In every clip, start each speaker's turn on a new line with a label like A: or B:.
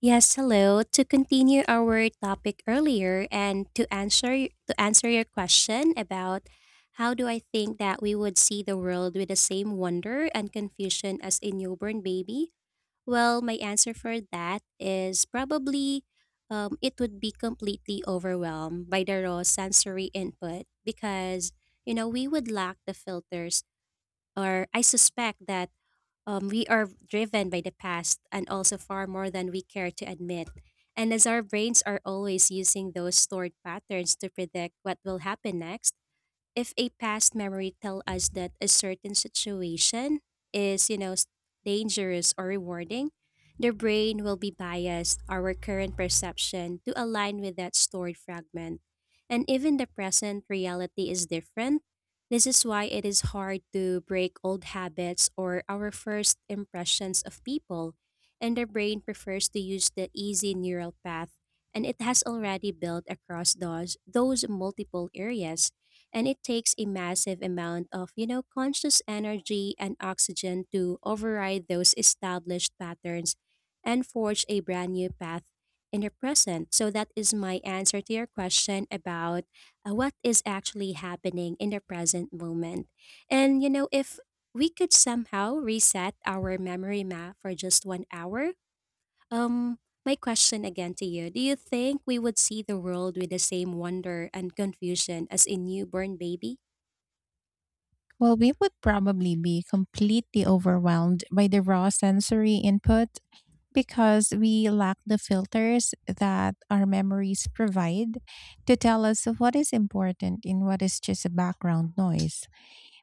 A: Yes, hello. To continue our topic earlier and to answer your question about how do I think that we would see the world with the same wonder and confusion as a newborn baby? Well, my answer for that is probably it would be completely overwhelmed by the raw sensory input because you know we would lack the filters, or I suspect that we are driven by the past and also far more than we care to admit. And as our brains are always using those stored patterns to predict what will happen next, if a past memory tell us that a certain situation is dangerous or rewarding, the brain will be biased our current perception to align with that stored fragment, and even the present reality is different. This is why it is hard to break old habits or our first impressions of people, and the brain prefers to use the easy neural path and it has already built across those multiple areas, and it takes a massive amount of, you know, conscious energy and oxygen to override those established patterns and forge a brand new path in the present. So that is my answer to your question about what is actually happening in the present moment. And you know, if we could somehow reset our memory map for just 1 hour, um, my question again to you: do you think we would see the world with the same wonder and confusion as a newborn baby?
B: Well, we would probably be completely overwhelmed by the raw sensory input because we lack the filters that our memories provide to tell us what is important and what is just a background noise.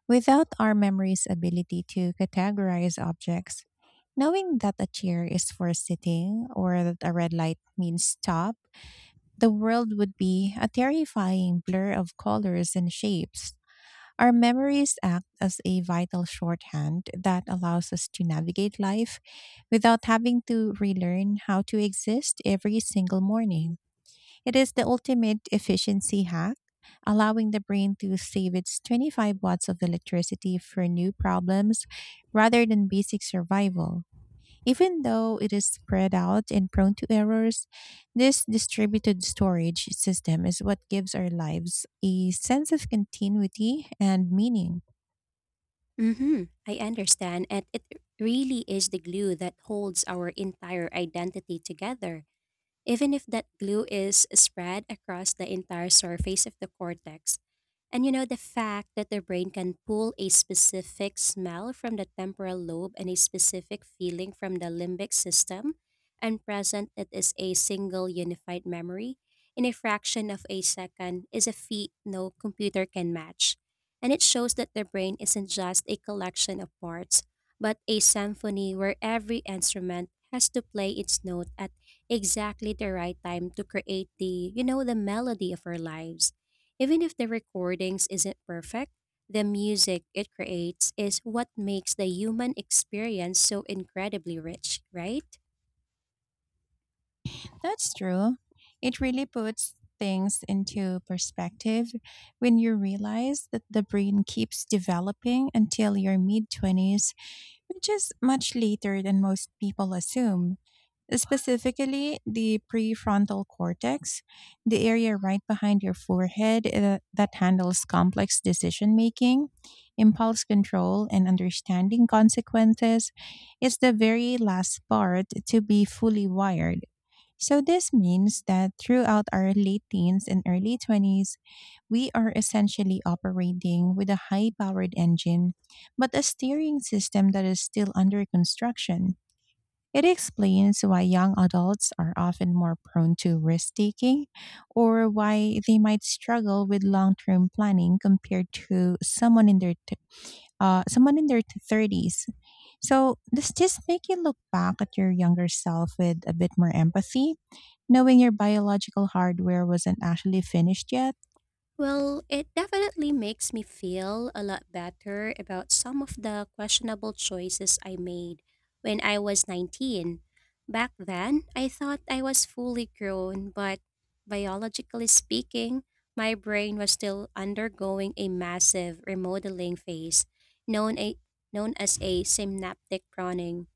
B: Without our memory's ability to categorize objects, knowing that a chair is for sitting or that a red light means stop, the world would be a terrifying blur of colors and shapes. Our memories act as a vital shorthand that allows us to navigate life without having to relearn how to exist every single morning. It is the ultimate efficiency hack, allowing the brain to save its 25 watts of electricity for new problems rather than basic survival. Even though it is spread out and prone to errors, this distributed storage system is what gives our lives a sense of continuity and meaning.
A: Mm-hmm. I understand. And it really is the glue that holds our entire identity together, even if that glue is spread across the entire surface of the cortex. And you know, the fact that the brain can pull a specific smell from the temporal lobe and a specific feeling from the limbic system and present it is a single unified memory in a fraction of a second is a feat no computer can match. And it shows that the brain isn't just a collection of parts, but a symphony where every instrument has to play its note at exactly the right time to create the, you know, the melody of our lives. Even if the recordings isn't perfect, the music it creates is what makes the human experience so incredibly rich, right?
B: That's true. It really puts things into perspective when you realize that the brain keeps developing until your mid 20s, which is much later than most people assume. Specifically, the prefrontal cortex, the area right behind your forehead that handles complex decision making, impulse control, and understanding consequences, is the very last part to be fully wired. So, this means that throughout our late teens and early 20s, we are essentially operating with a high powered engine, but a steering system that is still under construction. It explains why young adults are often more prone to risk taking or why they might struggle with long term planning compared to someone in their 30s. So, does this make you look back at your younger self with a bit more empathy, knowing your biological hardware wasn't actually finished yet?
A: Well, it definitely makes me feel a lot better about some of the questionable choices I made when I was 19. Back then, I thought I was fully grown, but biologically speaking, my brain was still undergoing a massive remodeling phase known, a, known as a synaptic pruning.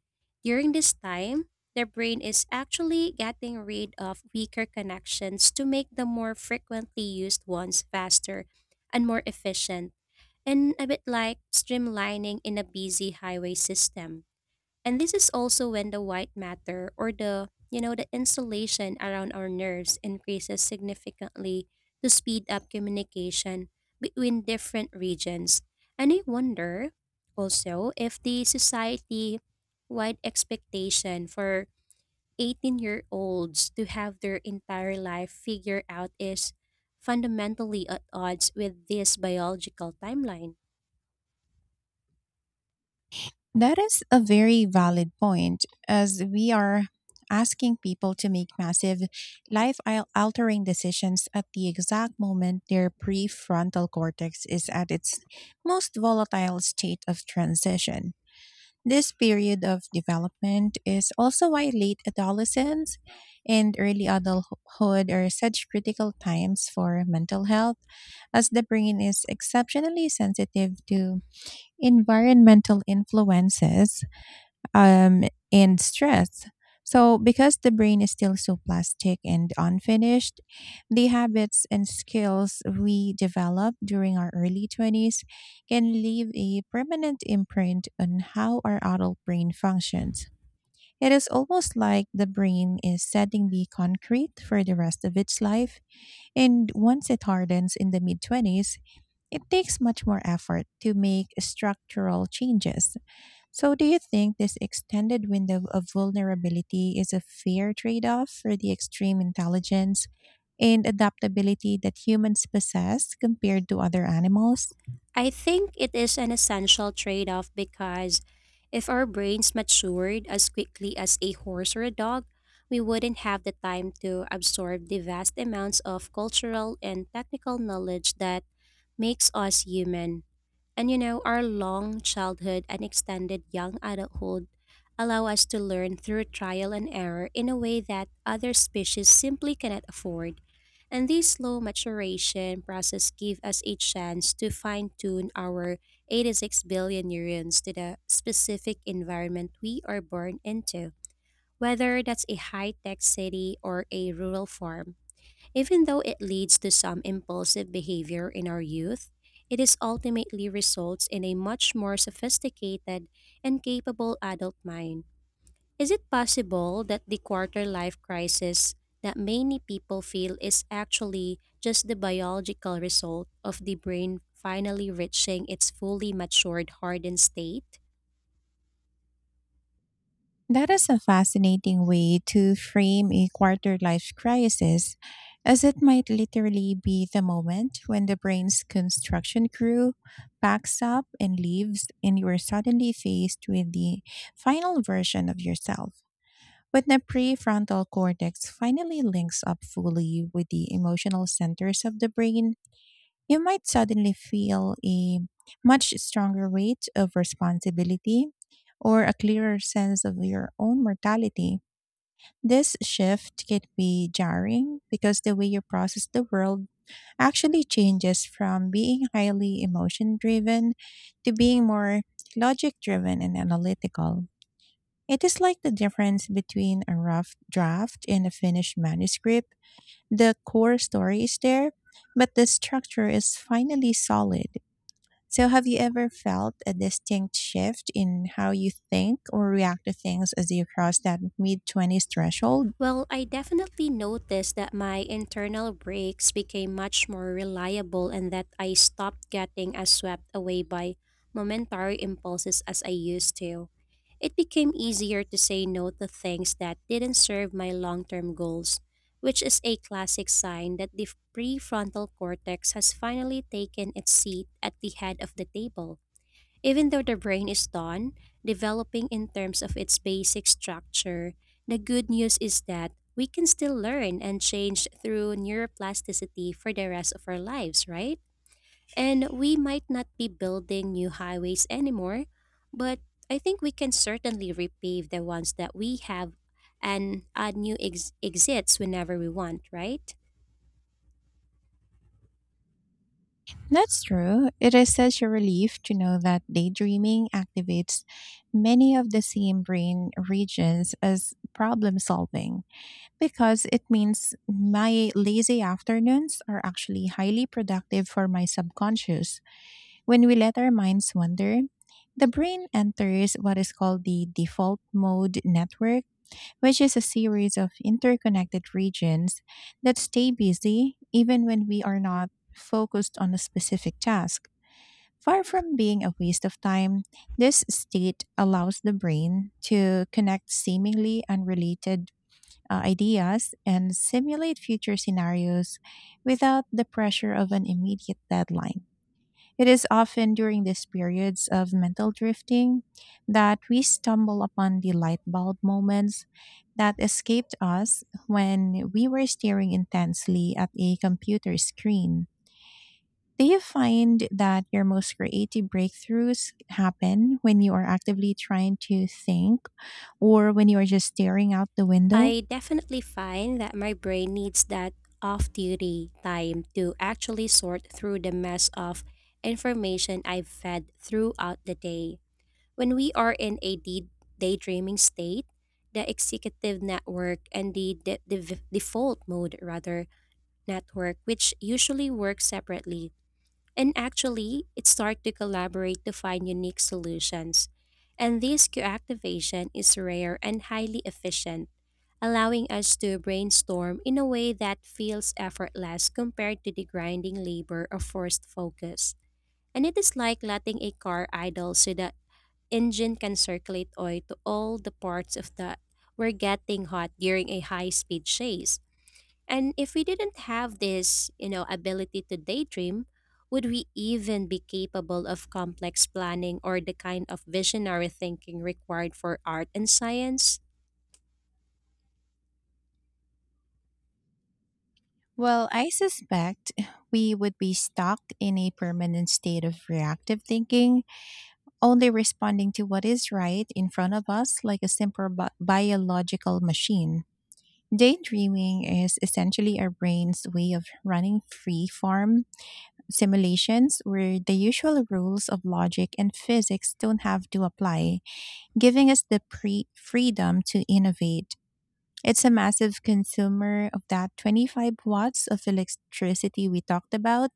A: During this time, the brain is actually getting rid of weaker connections to make the more frequently used ones faster and more efficient, and a bit like streamlining in a busy highway system. And this is also when the white matter, or the you know the insulation around our nerves, increases significantly to speed up communication between different regions. And I wonder also if the society wide expectation for 18-year-olds to have their entire life figured out is fundamentally at odds with this biological timeline.
B: That is a very valid point, as we are asking people to make massive life altering decisions at the exact moment their prefrontal cortex is at its most volatile state of transition. This period of development is also why late adolescence and early adulthood are such critical times for mental health, as the brain is exceptionally sensitive to environmental influences um, and stress. So, because the brain is still so plastic and unfinished, the habits and skills we develop during our early 20s can leave a permanent imprint on how our adult brain functions. It is almost like the brain is setting the concrete for the rest of its life, and once it hardens in the mid 20s, it takes much more effort to make structural changes. So, do you think this extended window of vulnerability is a fair trade off for the extreme intelligence and adaptability that humans possess compared to other animals?
A: I think it is an essential trade off because if our brains matured as quickly as a horse or a dog, we wouldn't have the time to absorb the vast amounts of cultural and technical knowledge that makes us human. And you know, our long childhood and extended young adulthood allow us to learn through trial and error in a way that other species simply cannot afford. And this slow maturation process give us a chance to fine-tune our 86 billion neurons to the specific environment we are born into, whether that's a high-tech city or a rural farm. Even though it leads to some impulsive behavior in our youth, it is ultimately results in a much more sophisticated and capable adult mind. Is it possible that the quarter life crisis that many people feel is actually just the biological result of the brain finally reaching its fully matured hardened state?
B: That is a fascinating way to frame a quarter life crisis, as it might literally be the moment when the brain's construction crew packs up and leaves, and you are suddenly faced with the final version of yourself. When the prefrontal cortex finally links up fully with the emotional centers of the brain, you might suddenly feel a much stronger weight of responsibility or a clearer sense of your own mortality. This shift can be jarring because the way you process the world actually changes from being highly emotion driven to being more logic driven and analytical. It is like the difference between a rough draft and a finished manuscript. The core story is there, but the structure is finally solid. So, have you ever felt a distinct shift in how you think or react to things as you cross that mid 20s threshold?
A: Well, I definitely noticed that my internal brakes became much more reliable and that I stopped getting as swept away by momentary impulses as I used to. It became easier to say no to things that didn't serve my long term goals, which is a classic sign that the prefrontal cortex has finally taken its seat at the head of the table. Even though the brain is done developing in terms of its basic structure, the good news is that we can still learn and change through neuroplasticity for the rest of our lives, right? And we might not be building new highways anymore, but I think we can certainly repave the ones that we have and add new exits whenever we want, right?
B: That's true. It is such a relief to know that daydreaming activates many of the same brain regions as problem solving, because it means my lazy afternoons are actually highly productive for my subconscious. When we let our minds wander, the brain enters what is called the default mode network, which is a series of interconnected regions that stay busy even when we are not focused on a specific task. Far from being a waste of time, this state allows the brain to connect seemingly unrelated ideas and simulate future scenarios without the pressure of an immediate deadline. It is often during these periods of mental drifting that we stumble upon the light bulb moments that escaped us when we were staring intensely at a computer screen. Do you find that your most creative breakthroughs happen when you are actively trying to think, or when you are just staring out the window?
A: I definitely find that my brain needs that off duty time to actually sort through the mess of information I've fed throughout the day. When we are in a daydreaming state, the executive network and the default mode, rather, network, which usually work separately, and actually it start to collaborate to find unique solutions. And this co-activation is rare and highly efficient, allowing us to brainstorm in a way that feels effortless compared to the grinding labor of forced focus. And it is like letting a car idle so the engine can circulate oil to all the parts of that were getting hot during a high-speed chase. And if we didn't have this, you know, ability to daydream, would we even be capable of complex planning or the kind of visionary thinking required for art and science?
B: Well, I suspect we would be stuck in a permanent state of reactive thinking, only responding to what is right in front of us like a simple biological machine. Daydreaming is essentially our brain's way of running free form simulations where the usual rules of logic and physics don't have to apply, giving us the freedom to innovate. It's a massive consumer of that 25 watts of electricity we talked about,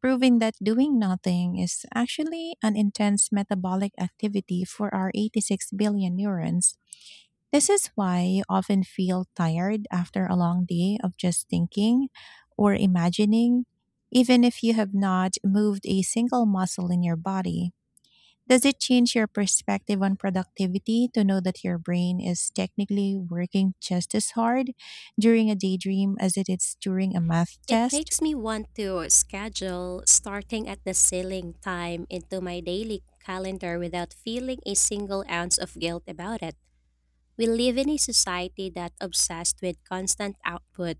B: proving that doing nothing is actually an intense metabolic activity for our 86 billion neurons. This is why you often feel tired after a long day of just thinking or imagining, even if you have not moved a single muscle in your body. Does it change your perspective on productivity to know that your brain is technically working just as hard during a daydream as it is during a math
A: It
B: test?
A: makes me want to schedule starting at the ceiling time into my daily calendar without feeling a single ounce of guilt about it. We live in a society that obsessed with constant output,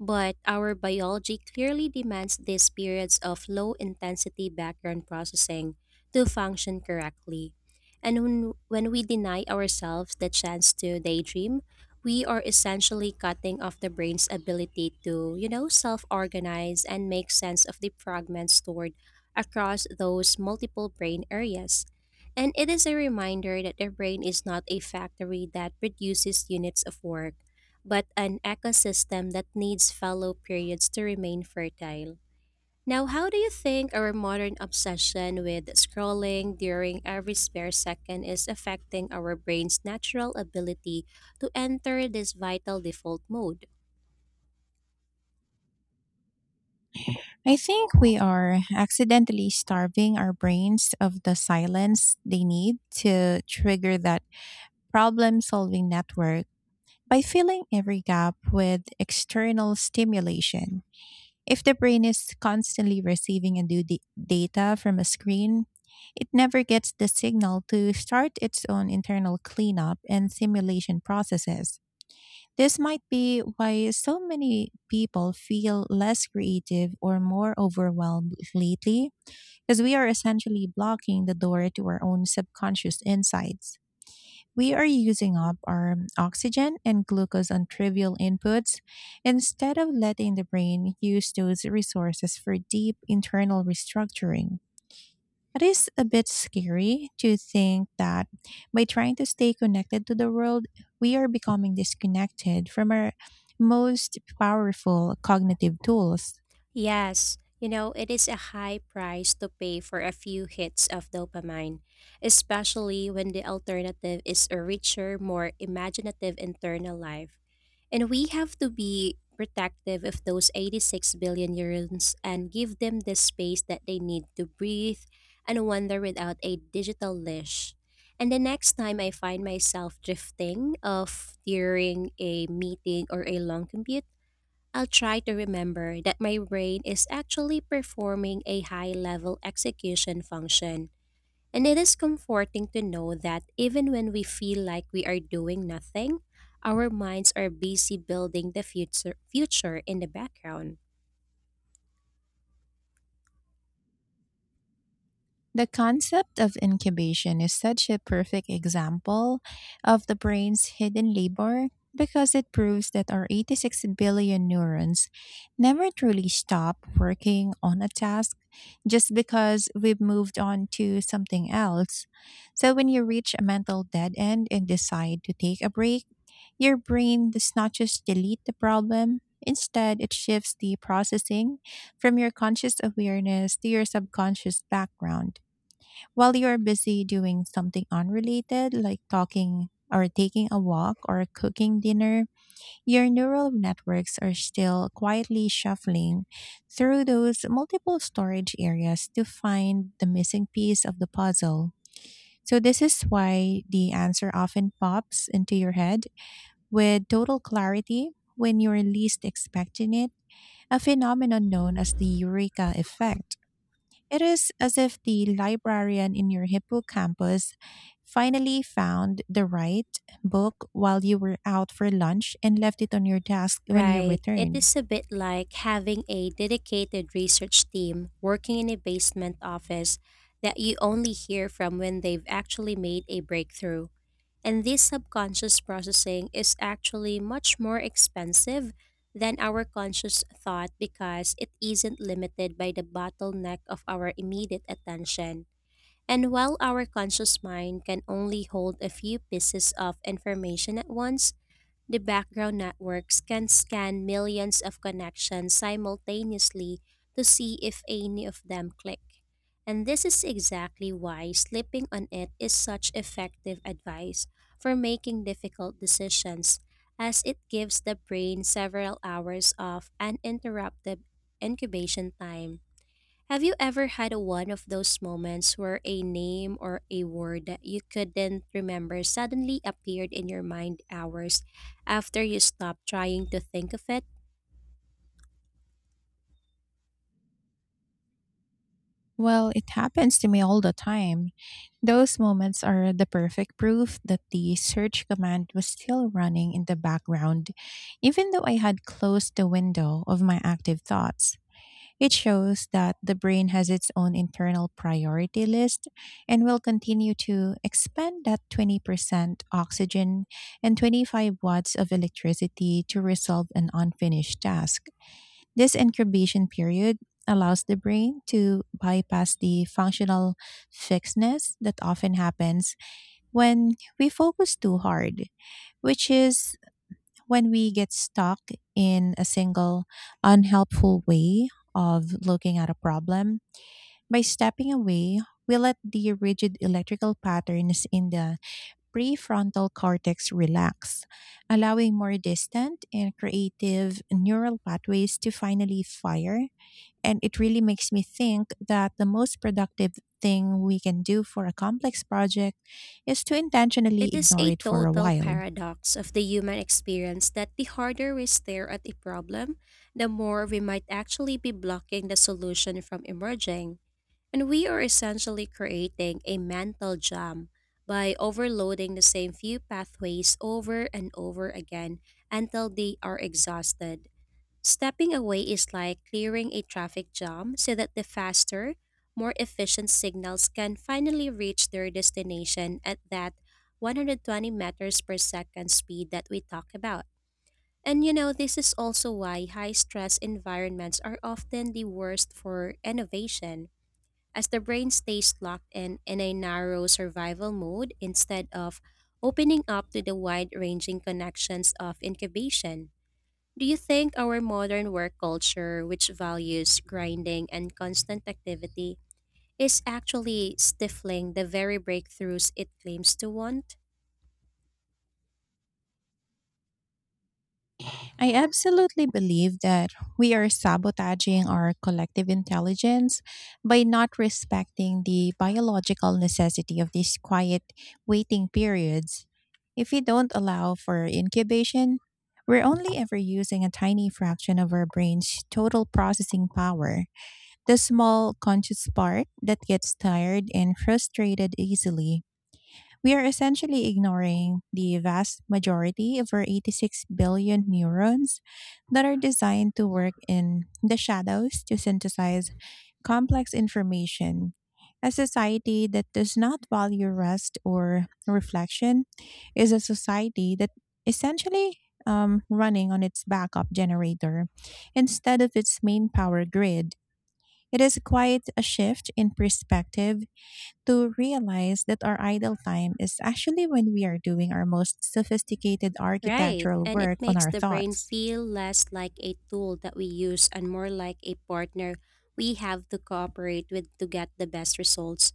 A: but our biology clearly demands these periods of low intensity background processing to function correctly. And when we deny ourselves the chance to daydream, we are essentially cutting off the brain's ability to, you know, self organize and make sense of the fragments stored across those multiple brain areas. And it is a reminder that the brain is not a factory that produces units of work, but an ecosystem that needs fallow periods to remain fertile. Now, how do you think our modern obsession with scrolling during every spare second is affecting our brain's natural ability to enter this vital default mode?
B: I think we are accidentally starving our brains of the silence they need to trigger that problem solving network by filling every gap with external stimulation. If the brain is constantly receiving and data from a screen, it never gets the signal to start its own internal cleanup and simulation processes. This might be why so many people feel less creative or more overwhelmed lately, because we are essentially blocking the door to our own subconscious insights. We are using up our oxygen and glucose on trivial inputs instead of letting the brain use those resources for deep internal restructuring. It is a bit scary to think that by trying to stay connected to the world, we are becoming disconnected from our most powerful cognitive tools.
A: Yes, you know, it is a high price to pay for a few hits of dopamine, especially when the alternative is a richer, more imaginative internal life. And we have to be protective of those 86 billion neurons and give them the space that they need to breathe and wander without a digital leash. And the next time I find myself drifting off during a meeting or a long commute, I'll try to remember that my brain is actually performing a high level execution function. And it is comforting to know that even when we feel like we are doing nothing, our minds are busy building the future, future in the background.
B: The concept of incubation is such a perfect example of the brain's hidden labor because it proves that our 86 billion neurons never truly stop working on a task just because we've moved on to something else. So when you reach a mental dead end and decide to take a break, your brain does not just delete the problem. Instead, it shifts the processing from your conscious awareness to your subconscious background. While you're busy doing something unrelated, like talking or taking a walk or cooking dinner, your neural networks are still quietly shuffling through those multiple storage areas to find the missing piece of the puzzle. So, this is why the answer often pops into your head with total clarity when you're least expecting it, a phenomenon known as the eureka effect. It is as if the librarian in your hippocampus finally found the right book while you were out for lunch and left it on your desk when you
A: Right. It
B: returned.
A: is a bit like having a dedicated research team working in a basement office that you only hear from when they've actually made a breakthrough. And this subconscious processing is actually much more expensive than our conscious thought because it isn't limited by the bottleneck of our immediate attention. And while our conscious mind can only hold a few pieces of information at once, the background networks can scan millions of connections simultaneously to see if any of them click. And this is exactly why sleeping on it is such effective advice for making difficult decisions, as it gives the brain several hours of uninterrupted incubation time. Have you ever had a one of those moments where a name or a word that you couldn't remember suddenly appeared in your mind hours after you stopped trying to think of it?
B: Well, it happens to me all the time. Those moments are the perfect proof that the search command was still running in the background, even though I had closed the window of my active thoughts. It shows that the brain has its own internal priority list and will continue to expend that 20% oxygen and 25 watts of electricity to resolve an unfinished task. This incubation period allows the brain to bypass the functional fixedness that often happens when we focus too hard, which is when we get stuck in a single unhelpful way of looking at a problem. By stepping away, we let the rigid electrical patterns in the prefrontal cortex relax, allowing more distant and creative neural pathways to finally fire. And it really makes me think that the most productive thing we can do for a complex project is to intentionally
A: It is
B: ignore
A: a
B: it for a
A: total
B: while.
A: paradox of the human experience that the harder we stare at a problem, the more we might actually be blocking the solution from emerging. And we are essentially creating a mental jam by overloading the same few pathways over and over again until they are exhausted. Stepping away is like clearing a traffic jam so that the faster, more efficient signals can finally reach their destination at that 120 meters per second speed that we talk about. And you know, this is also why high stress environments are often the worst for innovation, as the brain stays locked in a narrow survival mode instead of opening up to the wide ranging connections of incubation. Do you think our modern work culture, which values grinding and constant activity, is actually stifling the very breakthroughs it claims to want?
B: I absolutely believe that we are sabotaging our collective intelligence by not respecting the biological necessity of these quiet waiting periods. If we don't allow for incubation, we're only ever using a tiny fraction of our brain's total processing power, the small conscious part that gets tired and frustrated easily. We are essentially ignoring the vast majority of our 86 billion neurons that are designed to work in the shadows to synthesize complex information. A society that does not value rest or reflection is a society that essentially running on its backup generator instead of its main power grid. It is quite a shift in perspective to realize that our idle time is actually when we are doing our most sophisticated
A: Right,
B: architectural
A: and it
B: work on
A: makes
B: our
A: the brain
B: thoughts.
A: feel less like a tool that we use and more like a partner we have to cooperate with to get the best results.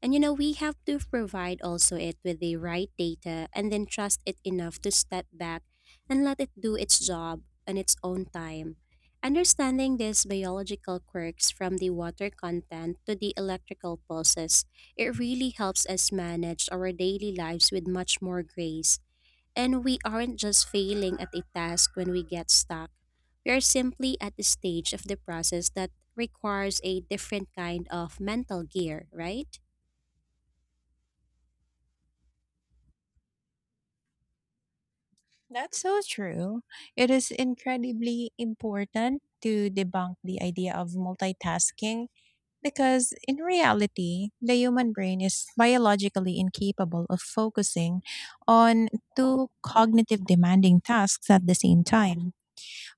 A: We have to provide also it with the right data and then trust it enough to step back and let it do its job on its own time. Understanding these biological quirks from the water content to the electrical pulses, it really helps us manage our daily lives with much more grace. And we aren't just failing at a task when we get stuck. We are simply at the stage of the process that requires a different kind of mental gear, right?
B: That's so true. It is incredibly important to debunk the idea of multitasking because, in reality, the human brain is biologically incapable of focusing on two cognitive demanding tasks at the same time.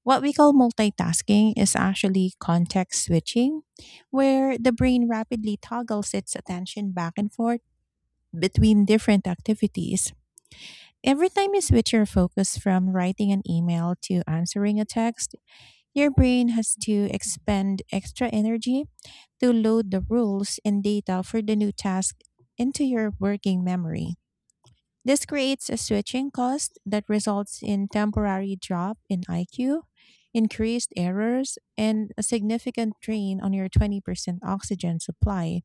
B: What we call multitasking is actually context switching, where the brain rapidly toggles its attention back and forth between different activities. Every time you switch your focus from writing an email to answering a text, your brain has to expend extra energy to load the rules and data for the new task into your working memory. This creates a switching cost that results in temporary drop in IQ, increased errors, and a significant drain on your 20% oxygen supply.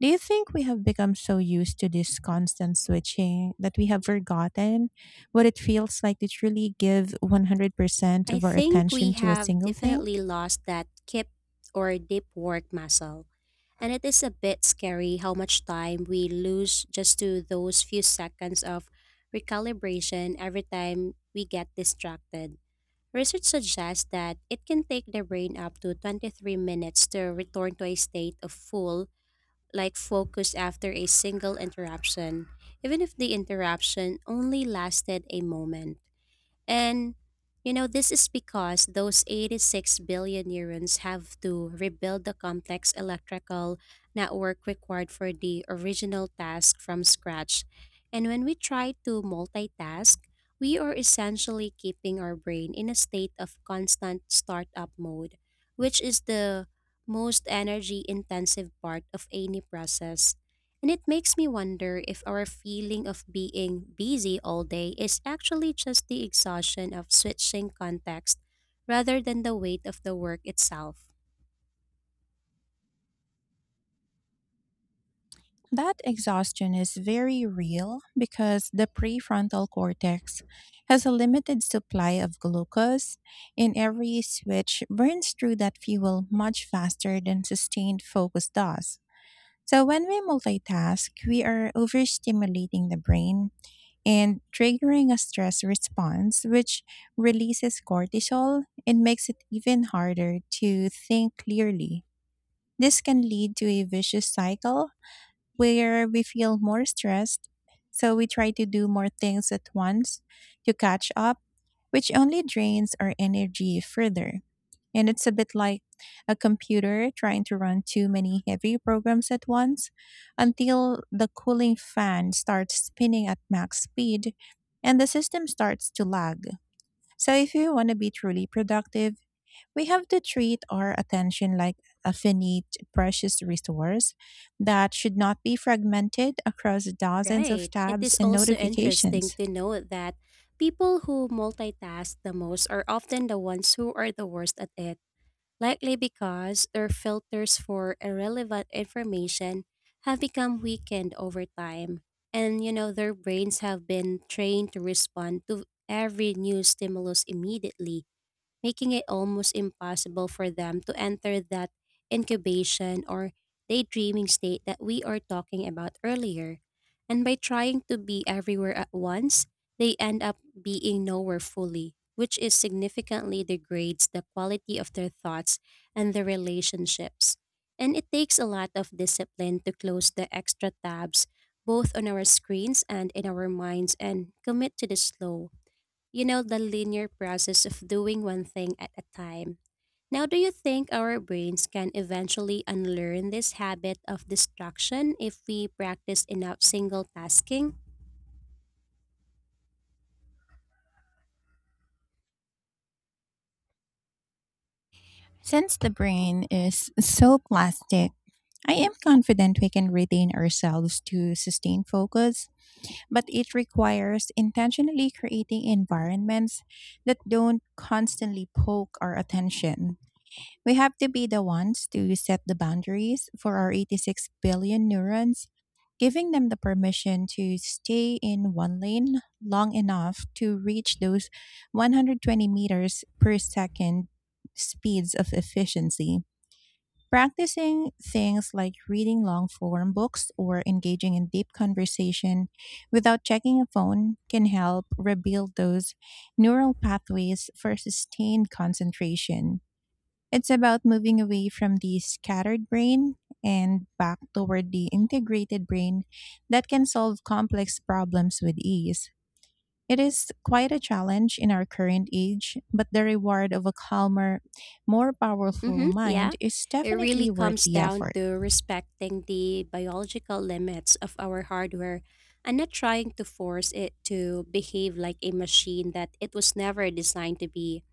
B: Do you think we have become so used to this constant switching that we have forgotten what it feels like to truly give 100%
A: I
B: of our
A: think we
B: attention to a
A: have
B: single thing?
A: definitely lost that kip or deep work muscle, and it is a bit scary how much time we lose just to those few seconds of recalibration every time we get distracted. Research suggests that it can take the brain up to 23 minutes to return to a state of full, like focus after a single interruption, even if the interruption only lasted a moment. And this is because those 86 billion neurons have to rebuild the complex electrical network required for the original task from scratch. And when we try to multitask, we are essentially keeping our brain in a state of constant startup mode, which is the most energy intensive part of any process. And it makes me wonder if our feeling of being busy all day is actually just the exhaustion of switching context rather than the weight of the work itself.
B: That exhaustion is very real because the prefrontal cortex has a limited supply of glucose, and every switch burns through that fuel much faster than sustained focus does. So, when we multitask, we are overstimulating the brain and triggering a stress response, which releases cortisol and makes it even harder to think clearly. This can lead to a vicious cycle where we feel more stressed, so we try to do more things at once to catch up, which only drains our energy further. And it's a bit like a computer trying to run too many heavy programs at once until the cooling fan starts spinning at max speed and the system starts to lag. So, if you want to be truly productive, we have to treat our attention like a finite, precious resource that should not be fragmented across dozens of
A: Right. It
B: tabs
A: is
B: and
A: also interesting
B: notifications.
A: to note that people who multitask the most are often the ones who are the worst at it, likely because their filters for irrelevant information have become weakened over time. Their brains have been trained to respond to every new stimulus immediately, making it almost impossible for them to enter that incubation or daydreaming state that we are talking about earlier. And by trying to be everywhere at once, they end up being nowhere fully, which is significantly degrades the quality of their thoughts and their relationships. And it takes a lot of discipline to close the extra tabs both on our screens and in our minds and commit to the slow, the linear process of doing one thing at a time. Now, do you think our brains can eventually unlearn this habit of distraction if we practice enough single tasking?
B: Since the brain is so plastic, I am confident we can retain ourselves to sustain focus, but it requires intentionally creating environments that don't constantly poke our attention. We have to be the ones to set the boundaries for our 86 billion neurons, giving them the permission to stay in one lane long enough to reach those 120 meters per second speeds of efficiency. Practicing things like reading long form books or engaging in deep conversation without checking a phone can help rebuild those neural pathways for sustained concentration. It's about moving away from the scattered brain and back toward the integrated brain that can solve complex problems with ease. It is quite a challenge in our current age, but the reward of a calmer, more powerful
A: Mm-hmm,
B: mind
A: yeah.
B: is
A: It
B: definitely
A: really
B: worth
A: comes
B: the
A: down
B: effort.
A: to respecting the biological limits of our hardware and not trying to force it to behave like a machine that it was never designed to be.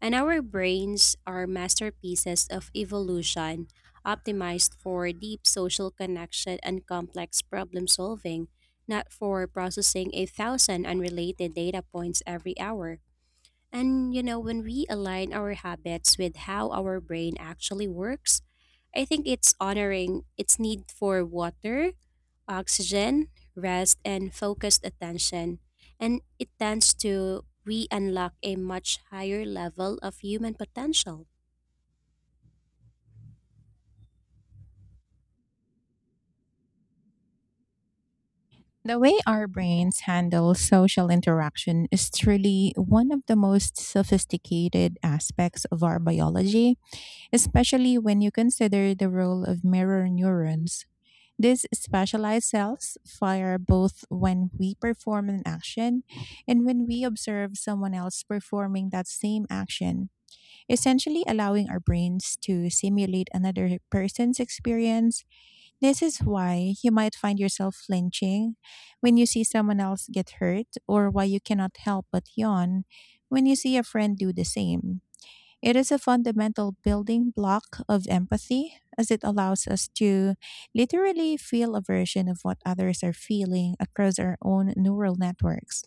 A: And our brains are masterpieces of evolution, optimized for deep social connection and complex problem solving, not for processing a thousand unrelated data points every hour. When we align our habits with how our brain actually works, I think it's honoring its need for water, oxygen, rest, and focused attention. And it tends to re unlock a much higher level of human potential.
B: The way our brains handle social interaction is truly one of the most sophisticated aspects of our biology, especially when you consider the role of mirror neurons. These specialized cells fire both when we perform an action and when we observe someone else performing that same action, essentially allowing our brains to simulate another person's experience. This is why you might find yourself flinching when you see someone else get hurt, or why you cannot help but yawn when you see a friend do the same. It is a fundamental building block of empathy as it allows us to literally feel a version of what others are feeling across our own neural networks.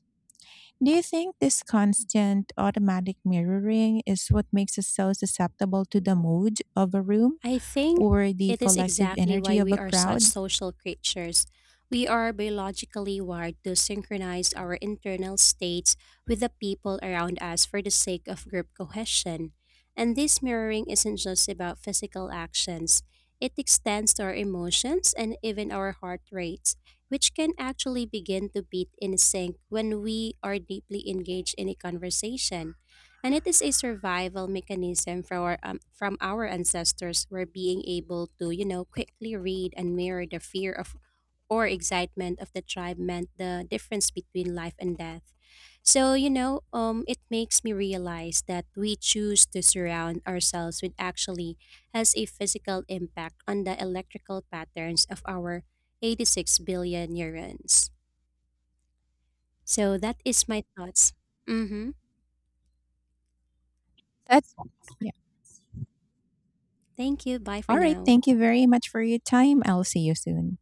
B: Do you think this constant automatic mirroring is what makes us so susceptible to the mood of a room
A: I think
B: or the
A: it is
B: collective
A: exactly
B: energy
A: why
B: of a
A: we are such
B: crowd?
A: social creatures. We are biologically wired to synchronize our internal states with the people around us for the sake of group cohesion. And this mirroring isn't just about physical actions, it extends to our emotions and even our heart rates, which can actually begin to beat in sync when we are deeply engaged in a conversation. And it is a survival mechanism for our, from our ancestors were being able to, quickly read and mirror the fear of or excitement of the tribe meant the difference between life and death. So, it makes me realize that we choose to surround ourselves with actually has a physical impact on the electrical patterns of our 86 billion neurons. So that is my thoughts. Mm-hmm.
B: That's yeah.
A: Thank you. Bye for
B: All right.
A: now.
B: Thank you very much for your time. I'll see you soon.